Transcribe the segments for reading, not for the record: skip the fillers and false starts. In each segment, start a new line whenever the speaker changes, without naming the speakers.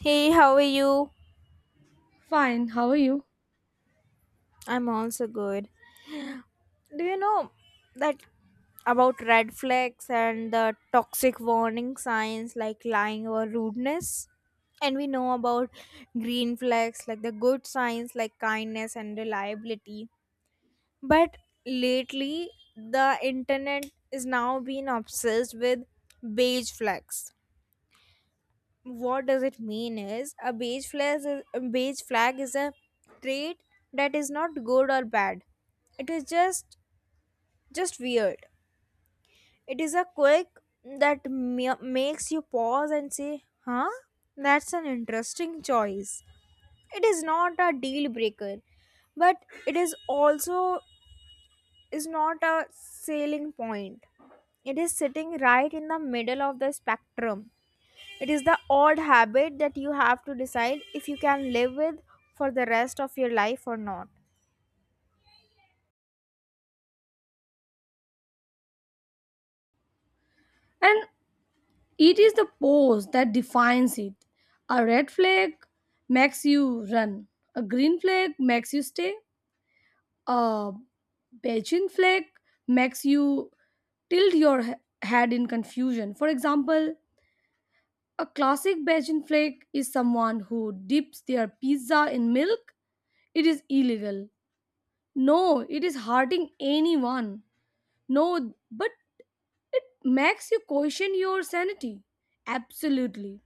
Hey, how are you?
Fine, how are you?
I'm also good. Do you know that about red flags and the toxic warning signs like lying or rudeness? And we know about green flags like the good signs like kindness and reliability. But lately, the internet is now being obsessed with beige flags. What does it mean? Is a beige flag is a beige flag is a trait that is not good or bad. It is just weird. It is a quirk that makes you pause and say, huh, that's an interesting choice. It is not a deal breaker, but it is also is not a selling point. It is sitting right in the middle of the spectrum. It is the odd habit that you have to decide if you can live with for the rest of your life or not.
And it is the pose that defines it. A red flag makes you run, a green flag makes you stay, a Beijing flag makes you tilt your head in confusion. For example, a classic Beijing flag is someone who dips their pizza in milk. It is illegal. No, it is hurting anyone. No, but it makes you question your sanity. Absolutely.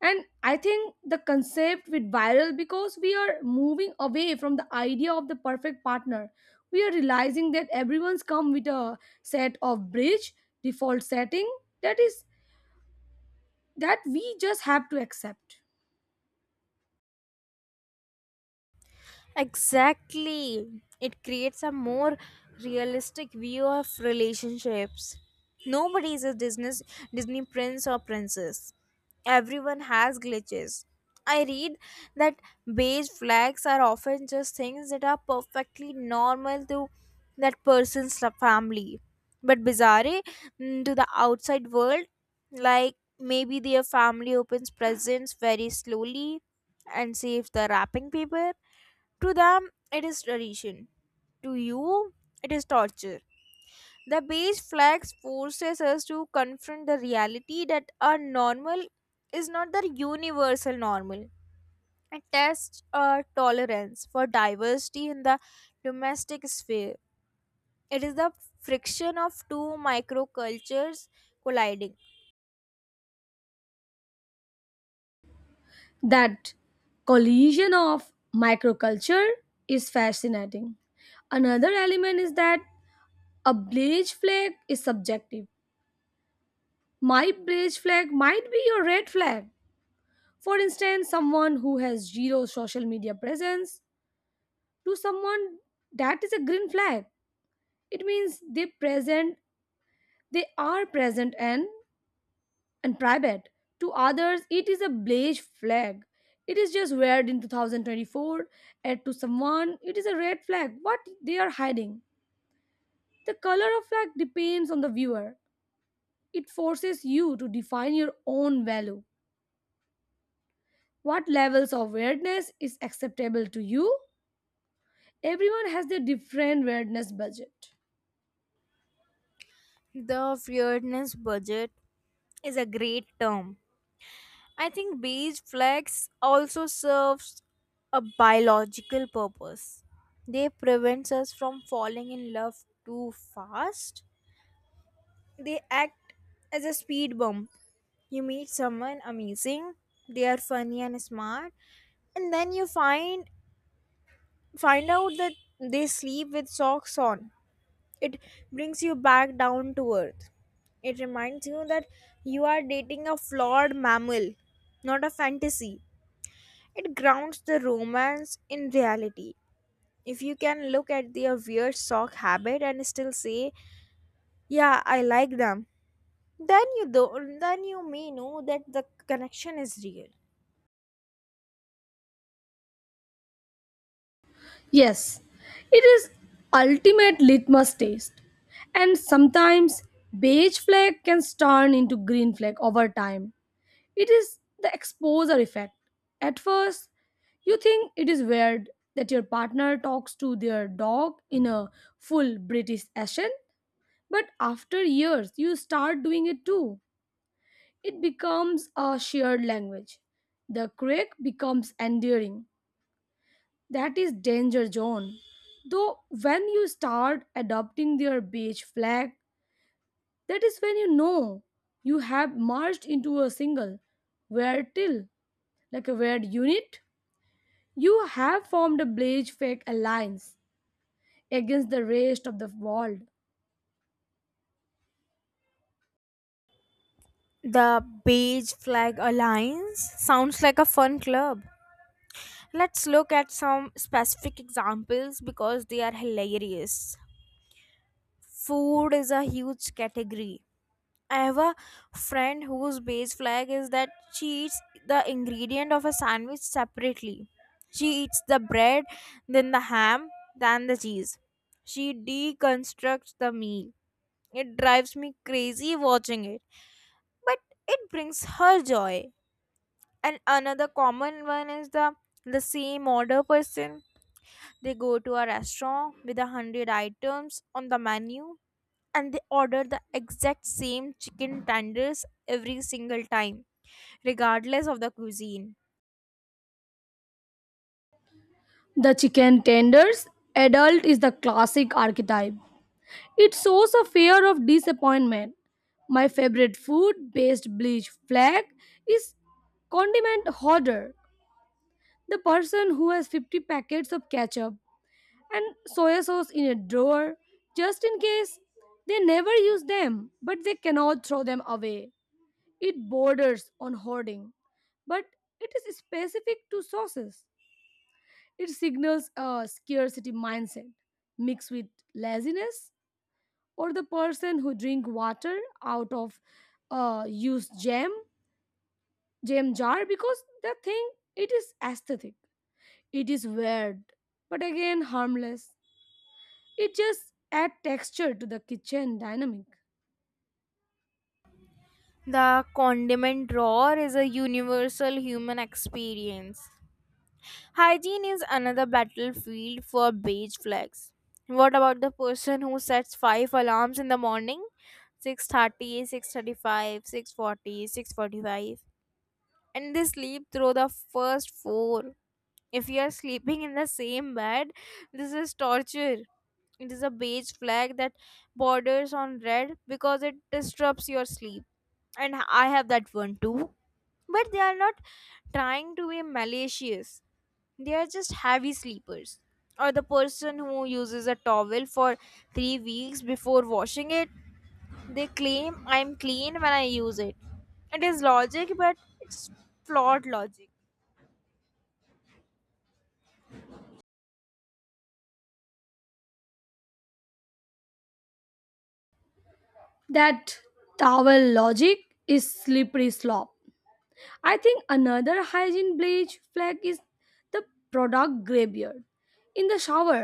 And I think the concept with viral because we are moving away from the idea of the perfect partner. We are realizing that everyone's come with a set of bridge default setting that is that we just have to accept.
Exactly. It creates a more realistic view of relationships. Nobody is a Disney prince or princess. Everyone has glitches. I read that beige flags are often just things that are perfectly normal to that person's family, but bizarre to the outside world. Like maybe their family opens presents very slowly and saves the wrapping paper. To them, it is tradition. To you, it is torture. The beige flags forces us to confront the reality that our normal is not the universal normal. It tests our tolerance for diversity in the domestic sphere. It is the friction of two microcultures colliding.
That collision of microculture is fascinating. Another element is that a beige flag is subjective. My beige flag might be your red flag. For instance, someone who has zero social media presence to someone that is a green flag. It means they are present and private. To others, it is a beige flag. It is just weird in 2024, and to someone it is a red flag what they are hiding. The color of flag depends on the viewer. It forces you to define your own value. What levels of weirdness is acceptable to you? Everyone has their different weirdness budget.
The weirdness budget is a great term. I think beige flags also serves a biological purpose. They prevents us from falling in love too fast. They act as a speed bump. You meet someone amazing, they are funny and smart, and then you find out that they sleep with socks on. It brings you back down to earth. It reminds you that you are dating a flawed mammal, not a fantasy. It grounds the romance in reality. If you can look at their weird sock habit and still say, "Yeah, I like them," then you do, then you may know that the connection is real.
Yes, it is ultimate litmus test. And sometimes beige flag can turn into green flag over time. It is the exposure effect. At first, you think it is weird that your partner talks to their dog in a full British accent, but after years, you start doing it too. It becomes a shared language. The quake becomes enduring. That is danger zone. Though when you start adopting their beige flag, that is when you know you have merged into a single weird till, like a weird unit. You have formed a beige fake alliance against the rest of the world.
The Beige Flag Alliance sounds like a fun club. Let's look at some specific examples because they are hilarious. Food is a huge category. I have a friend whose base flag is that she eats the ingredient of a sandwich separately. She eats the bread, then the ham, then the cheese. She deconstructs the meal. It drives me crazy watching it, but it brings her joy. And another common one is the same order person. They go to a restaurant with 100 items on the menu, and they order the exact same chicken tenders every single time, regardless of the cuisine.
The chicken tenders adult is the classic archetype. It shows a fear of disappointment. My favorite food based bleach flag is condiment hoarder, the person who has 50 packets of ketchup and soya sauce in a drawer just in case. They never use them, but they cannot throw them away. It borders on hoarding, but it is specific to sauces. It signals a scarcity mindset mixed with laziness, or the person who drink water out of used jam jar because the thing, it is aesthetic. It is weird, but again harmless. It just add texture to the kitchen dynamic.
The condiment drawer is a universal human experience. Hygiene is another battlefield for beige flags. What about the person who sets five alarms in the morning? 6:30, 6:35, 6:40, 6:45, and they sleep through the first four. If you are sleeping in the same bed, this is torture. It is a beige flag that borders on red because it disrupts your sleep. And I have that one too. But they are not trying to be malicious. They are just heavy sleepers. Or the person who uses a towel for 3 weeks before washing it, they claim I'm clean when I use it. It is logic, but it's flawed logic.
That towel logic is slippery slope. I think another hygiene bleach flag is the product graveyard in the shower.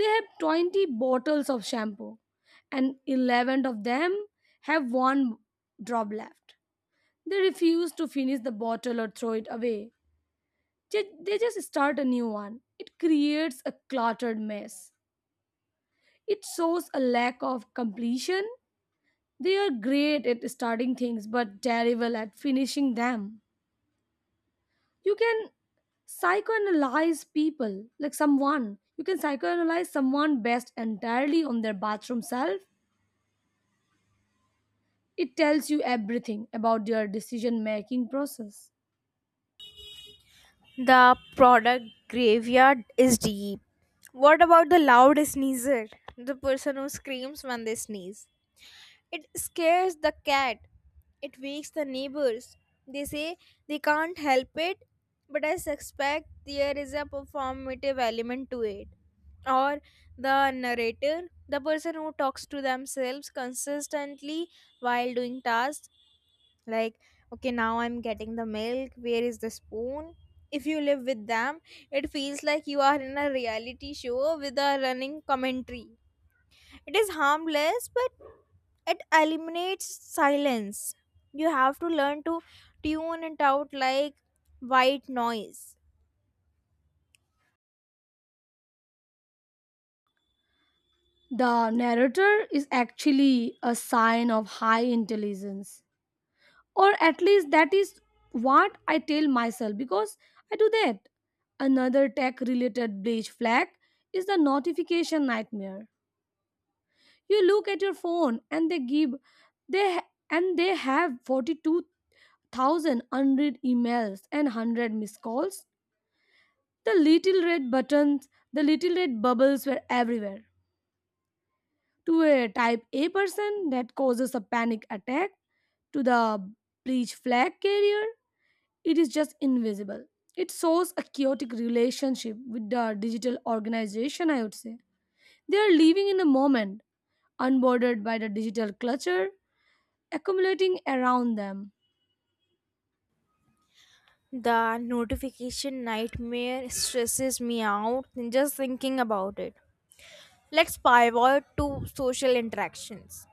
They have 20 bottles of shampoo, and 11 of them have one drop left. They refuse to finish the bottle or throw it away. They just start a new one. It creates a cluttered mess. It shows a lack of completion. They are great at starting things but terrible at finishing them. You can psychoanalyze people, like someone. You can psychoanalyze someone based entirely on their bathroom self. It tells you everything about their decision making process.
The product graveyard is deep. What about the loud sneezer? The person who screams when they sneeze. It scares the cat. It wakes the neighbors. They say they can't help it, but I suspect there is a performative element to it. Or the narrator, the person who talks to themselves consistently while doing tasks, like, okay, now I'm getting the milk, where is the spoon? If you live with them, it feels like you are in a reality show with a running commentary. It is harmless, but it eliminates silence. You have to learn to tune it out like white noise.
The narrator is actually a sign of high intelligence, or at least that is what I tell myself because I do that. Another tech related bleach flag is the notification nightmare. You look at your phone and they they have 42,000 unread emails and 100 missed calls. The little red buttons, the little red bubbles were everywhere. To a type A person that causes a panic attack, to the breech flag carrier, it is just invisible. It shows a chaotic relationship with the digital organization, I would say. They are living in the moment, unbordered by the digital clutter accumulating around them.
The notification nightmare stresses me out just thinking about it. Let's pivot to social interactions.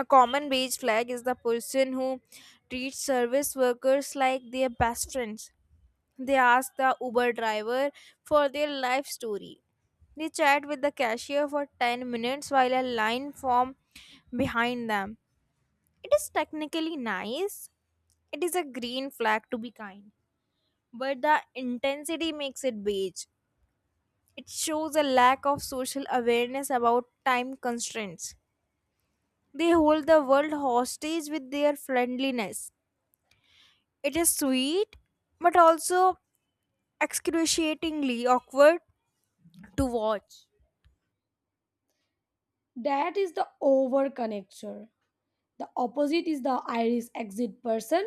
A common beige flag is the person who treats service workers like their best friends. They ask the Uber driver for their life story. They chat with the cashier for 10 minutes while a line forms behind them. It is technically nice. It is a green flag to be kind, but the intensity makes it beige. It shows a lack of social awareness about time constraints. They hold the world hostage with their friendliness. It is sweet, but also excruciatingly awkward to watch.
That is the overconnector. The opposite is the iris exit person.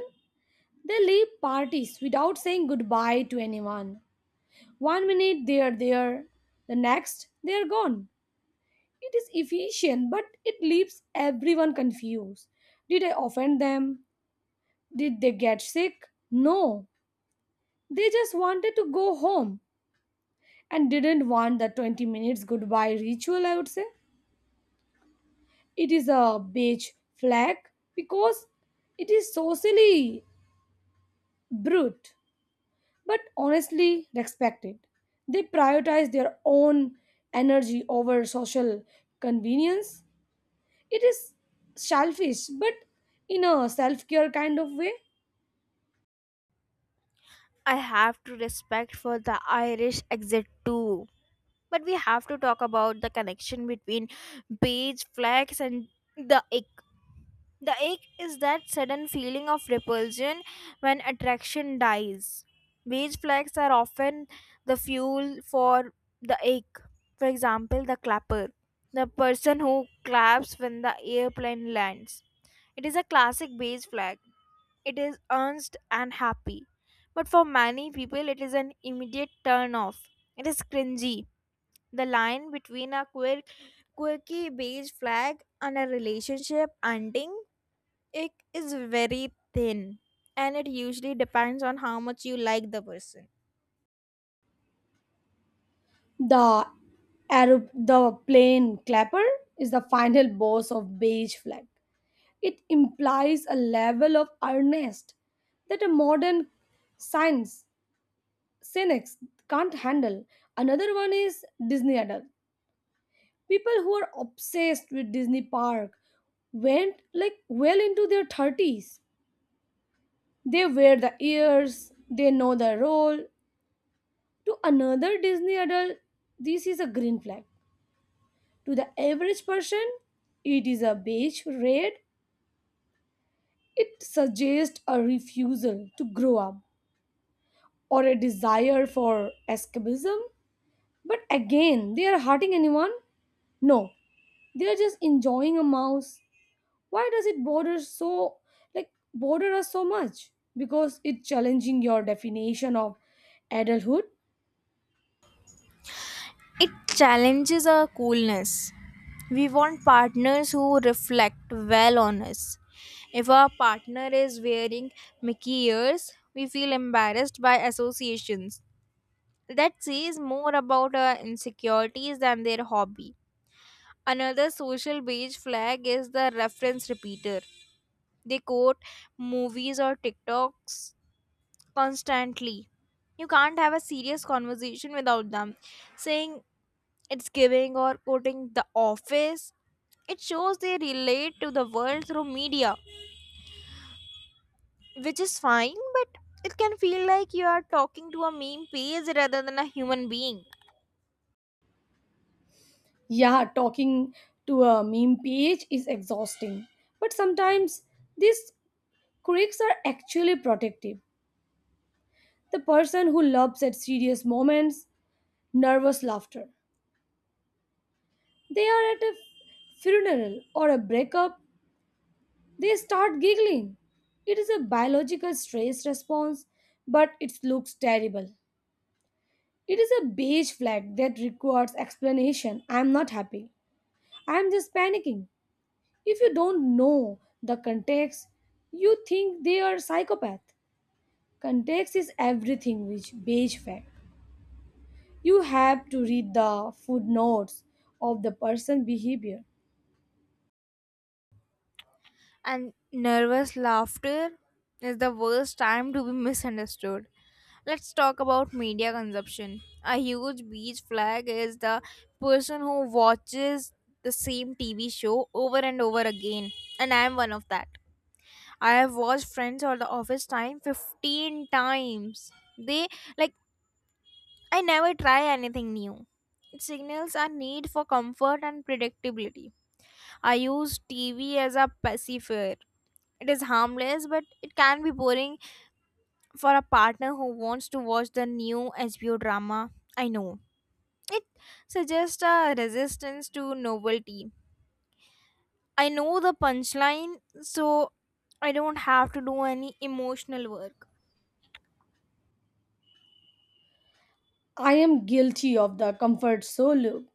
They leave parties without saying goodbye to anyone. One minute they are there, the next they are gone. It is efficient, but it leaves everyone confused. Did I offend them? Did they get sick? No, they just wanted to go home and didn't want the 20 minutes goodbye ritual, I would say. It is a beige flag because it is socially brute, but honestly respected. They prioritize their own energy over social convenience. It is selfish, but in a self care kind of way.
I have to respect for the Irish exit too. But we have to talk about the connection between beige flags and the ick. The ache is that sudden feeling of repulsion when attraction dies. Beige flags are often the fuel for the ache. For example, the clapper, the person who claps when the airplane lands. It is a classic beige flag. It is earnest and happy. But for many people, it is an immediate turn off. It is cringy. The line between a quirky beige flag and a relationship ending, it is very thin, and it usually depends on how much you like the person.
The Arab, the plane clapper is the final boss of beige flag. It implies a level of earnest that a modern science cynics can't handle. Another one is Disney adult. People who are obsessed with Disney park went like well into their 30s. They wear the ears, they know the role. To another Disney adult, this is a green flag. To the average person, it is a beige red. It suggests a refusal to grow up or a desire for escapism. But again, they are hurting anyone? No, they are just enjoying a mouse. Why does it bother us so much? Because it's challenging your definition of adulthood.
It challenges our coolness. We want partners who reflect well on us. If our partner is wearing Mickey ears, we feel embarrassed by associations. That says more about our insecurities than their hobby. Another social beige flag is the reference repeater. They quote movies or TikToks constantly. You can't have a serious conversation without them. Saying it's giving, or quoting The Office. It shows they relate to the world through media, which is fine, but it can feel like you are talking to a meme page rather than a human being.
Yeah, talking to a meme page is exhausting. But sometimes these quirks are actually protective. The person who laughs at serious moments, nervous laughter. They are at a funeral or a breakup, they start giggling. It is a biological stress response, but it looks terrible. It is a beige flag that requires explanation. I am not happy. I am just panicking. If you don't know the context, you think they are psychopath. Context is everything which beige fact. You have to read the footnotes of the person behavior.
And nervous laughter is the worst time to be misunderstood. Let's talk about media consumption. A huge beach flag is the person who watches the same TV show over and over again, and I am one of that. I have watched Friends or The Office Time 15 times. They, like, I never try anything new. It signals a need for comfort and predictability. I use TV as a pacifier. It is harmless, but it can be boring for a partner who wants to watch the new HBO drama. I know. It suggests a resistance to novelty. I know the punchline, so I don't have to do any emotional work.
I am guilty of the comfort so look.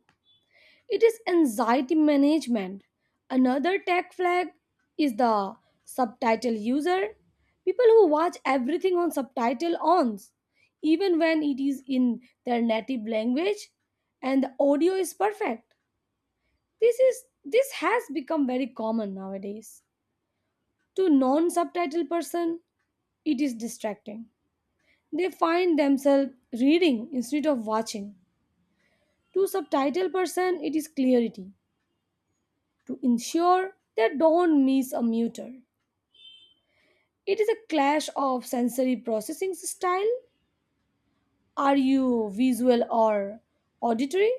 It is anxiety management. Another tech flag is the subtitle user. People who watch everything on subtitle ons, even when it is in their native language and the audio is perfect. This has become very common nowadays. To non-subtitle person, it is distracting. They find themselves reading instead of watching. To subtitle person, it is clarity to ensure they don't miss a muter. It is a clash of sensory processing style. Are you visual or auditory?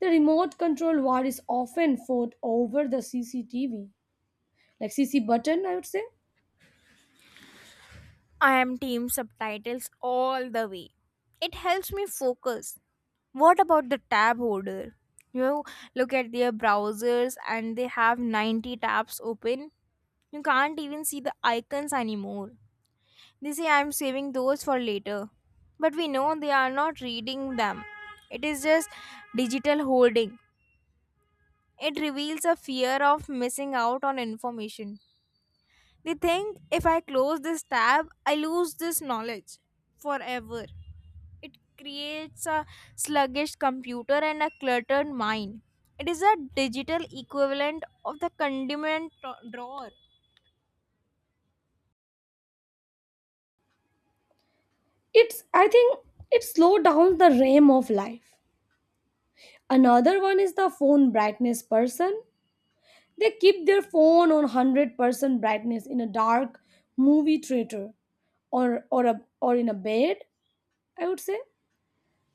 The remote control war is often fought over the CCTV, like C C button, I would say.
I am team subtitles all the way. It helps me focus. What about the tab holder? You look at their browsers and they have 90 tabs open. You can't even see the icons anymore. They say I'm saving those for later. But we know they are not reading them. It is just digital holding. It reveals a fear of missing out on information. They think if I close this tab, I lose this knowledge forever. It creates a sluggish computer and a cluttered mind. It is a digital equivalent of the condiment drawer.
It's I think it slowed down the realm of life. Another one is the phone brightness person. They keep their phone on 100% brightness in a dark movie theater, or in a bed, I would say.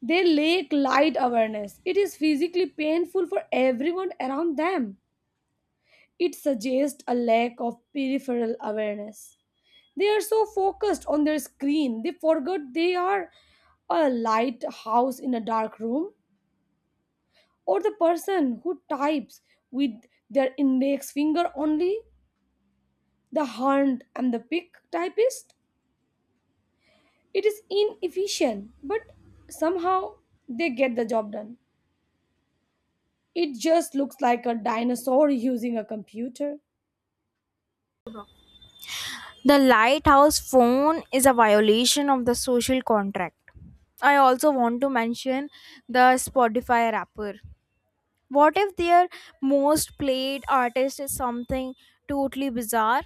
They lack light awareness. It is physically painful for everyone around them. It suggests a lack of peripheral awareness. They are so focused on their screen, they forgot they are a light house in a dark room. Or the person who types with their index finger only, the hand and the pick typist. It is inefficient but somehow they get the job done. It just looks like a dinosaur using a computer.
The lighthouse phone is a violation of the social contract. I also want to mention the Spotify rapper. What if their most played artist is something totally bizarre,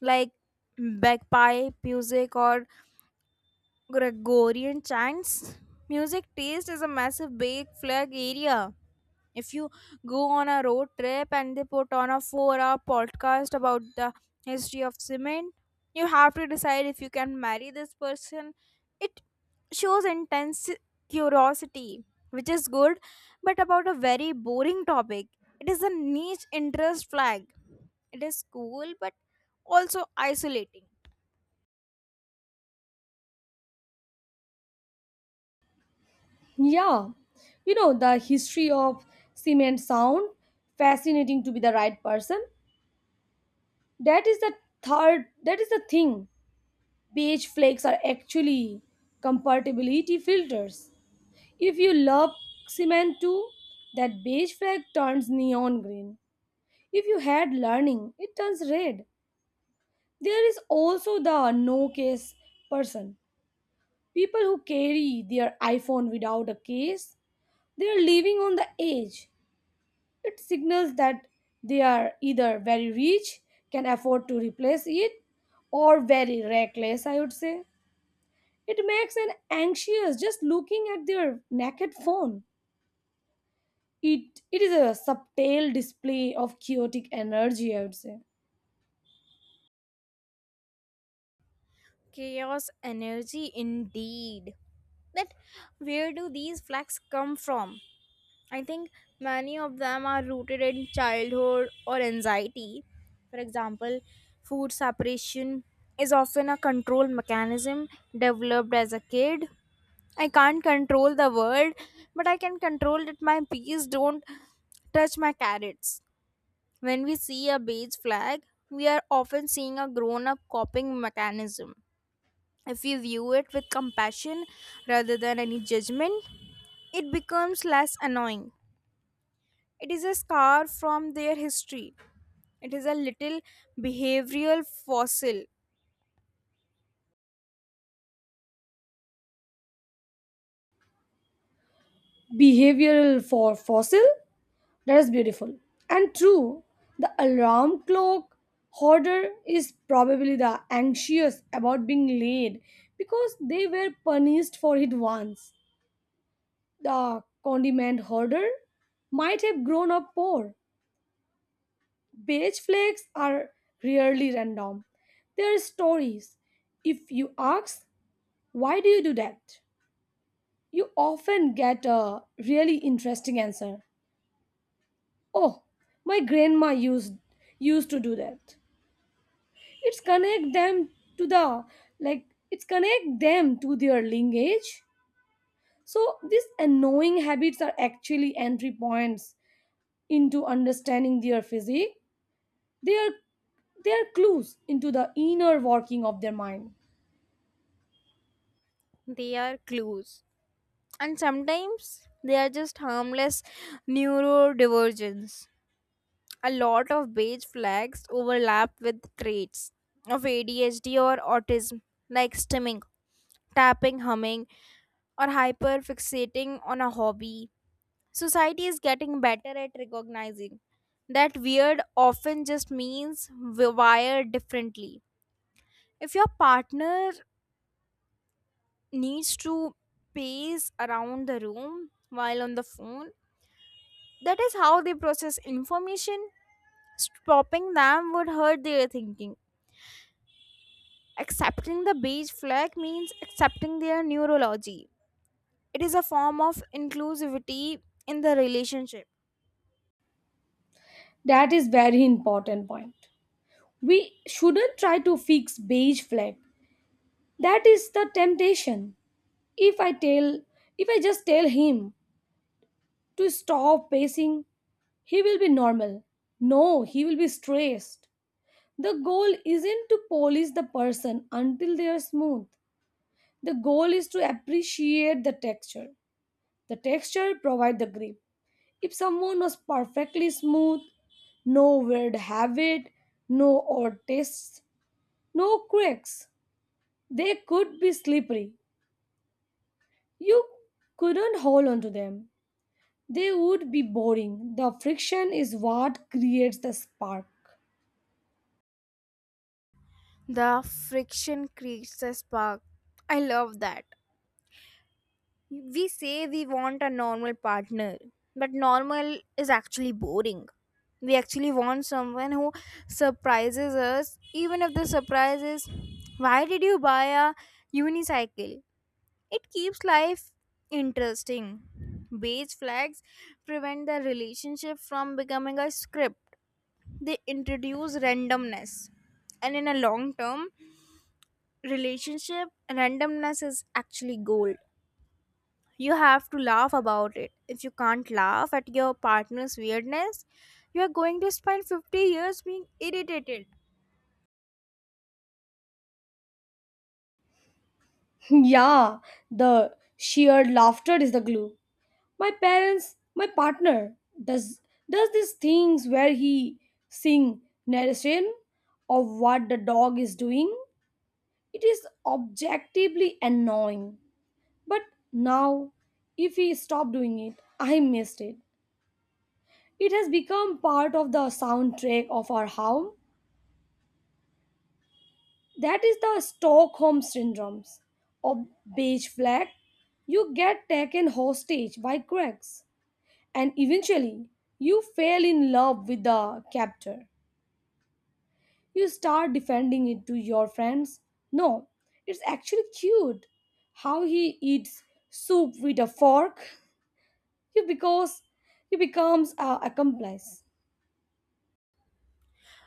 like bagpipe music or Gregorian chants? Music taste is a massive big flag area. If you go on a road trip and they put on a 4-hour podcast about the history of cement, you have to decide if you can marry this person. It shows intense curiosity, which is good, but about a very boring topic. It is a niche interest flag. It is cool, but also isolating.
Yeah, you know the history of cement sound fascinating to be the right person. That is the third that is the thing. Beige flakes are actually compatibility filters. If you love cement too, that beige flag turns neon green. If you had learning, it turns red. There is also the no case person. People who carry their iPhone without a case, they are living on the edge. It signals that they are either very rich, can afford to replace it, or very reckless, I would say. It makes an anxious just looking at their naked phone. It is a subtle display of chaotic energy, I would say.
Chaos energy, indeed. That, where do these flags come from? I think many of them are rooted in childhood or anxiety. For example, food separation is often a control mechanism developed as a kid. I can't control the world, but I can control that my peas don't touch my carrots. When we see a beige flag, we are often seeing a grown up coping mechanism. If we view it with compassion rather than any judgment, it becomes less annoying. It is a scar from their history. It is a little behavioral fossil.
Behavioral for fossil, that is beautiful. And true, the alarm clock hoarder is probably the anxious about being late because they were punished for it once. The condiment hoarder might have grown up poor. Beige flakes are rarely random. They are stories. If you ask, why do you do that? You often get a really interesting answer. Oh, my grandma used to do that. It's connect them to the like it's connect them to their lineage. So these annoying habits are actually entry points into understanding their physique. They are they are clues into the inner working of their mind.
They are clues. And sometimes they are just harmless neurodivergence. A lot of beige flags overlap with traits of ADHD or autism, like stimming, tapping, humming, or hyperfixating on a hobby. Society is getting better at recognizing that weird often just means we wired differently. If your partner needs to pace around the room while on the phone, that is how they process information. Stopping them would hurt their thinking. Accepting the beige flag means accepting their neurology. It is a form of inclusivity in the relationship.
That is very important point. We shouldn't try to fix beige flag. That is the temptation. If I tell if I just tell him to stop pacing, he will be normal. No, he will be stressed. The goal isn't to polish the person until they are smooth. The goal is to appreciate the texture. The texture provides the grip. If someone was perfectly smooth, no weird habit, no odd tastes, no quirks, they could be slippery. You couldn't hold on to them. They would be boring. The friction is what creates the spark.
The friction creates a spark. I love that. We say we want a normal partner, but normal is actually boring. We actually want someone who surprises us, even if the surprise is, why did you buy a unicycle? It keeps life interesting. Beige flags prevent the relationship from becoming a script, they introduce randomness. And in a long term relationship, randomness is actually gold. You have to laugh about it. If you can't laugh at your partner's weirdness, you are going to spend 50 years being irritated.
Yeah, the sheer laughter is the glue. My partner does does these things where he sing narration of what the dog is doing. It is objectively annoying. But now if he stopped doing it, I missed it. It has become part of the soundtrack of our home. That is the Stockholm syndromes or beige flag. You get taken hostage by cracks, and eventually you fall in love with the captor. You start defending it to your friends. No, it's actually cute how he eats soup with a fork. You Because he becomes a accomplice.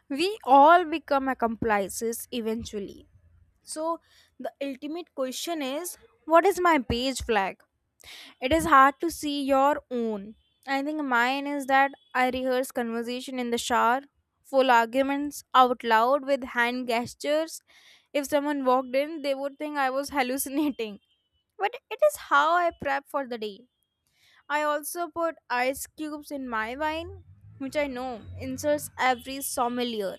We all become accomplices eventually. So, the ultimate question is, what is my beige flag? It is hard to see your own. I think mine is that I rehearse conversation in the shower, full arguments out loud with hand gestures. If someone walked in, they would think I was hallucinating. But it is how I prep for the day. I also put ice cubes in my wine, which I know insults every sommelier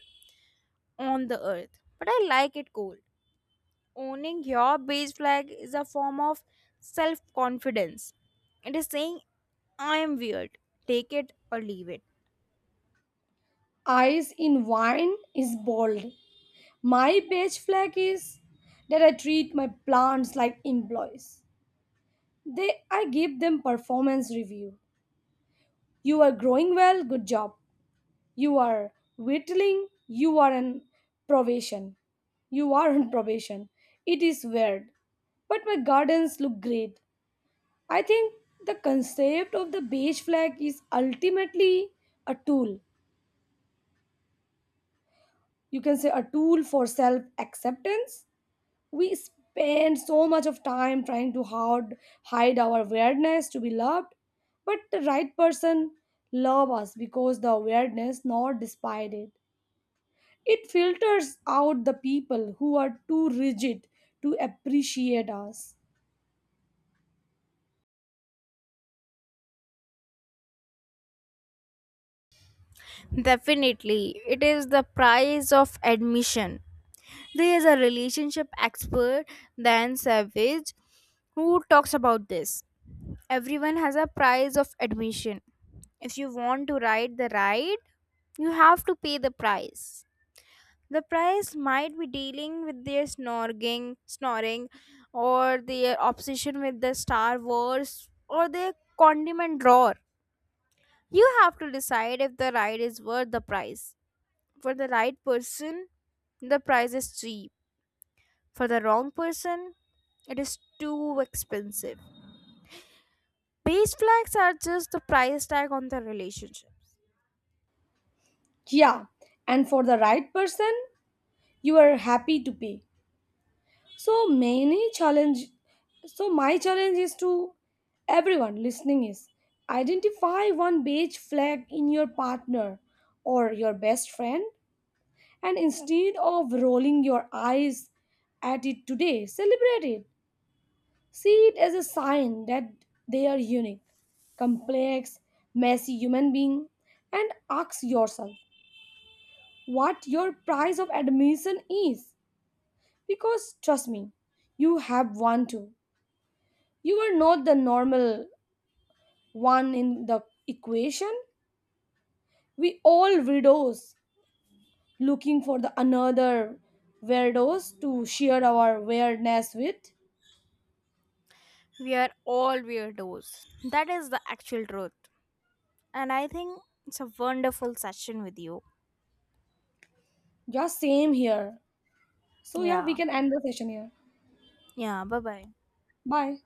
on the earth, but I like it cold. Owning your beige flag is a form of self confidence. It is saying, I am weird, take it or leave it.
Ice in wine is bold. My beige flag is that I treat my plants like employees. They I give them performance review. You are growing well, good job. You are whittling, you are on probation. You are on probation. It is weird. But my gardens look great. I think the concept of the beige flag is ultimately a tool. You can say a tool for self acceptance. We spend so much of time trying to hide our weirdness to be loved, but the right person love us because the weirdness not despite it. It filters out the people who are too rigid to appreciate us.
Definitely, it is the price of admission. There is a relationship expert, Dan Savage, who talks about this. Everyone has a price of admission. If you want to ride the ride, you have to pay the price. The price might be dealing with their snoring, or their obsession with the Star Wars, or their condiment drawer. You have to decide if the ride is worth the price. For the right person, the price is cheap. For the wrong person, it is too expensive. Base flags are just the price tag on the relationship.
Yeah, and for the right person, you are happy to pay. So many challenge, so my challenge is to everyone listening is identify one beige flag in your partner or your best friend, and instead of rolling your eyes at it today, celebrate it. See it as a sign that they are unique, complex, messy human being. And ask yourself what your price of admission is, because trust me, you have one too. You are not the normal one in the equation. We all weirdos looking for the another weirdos to share our weirdness with.
We are all weirdos. That is the actual truth. And I think it's a wonderful session with you.
Yeah, same here. So yeah, we
Yeah.
can end the session here.
Yeah. Bye bye.
Bye.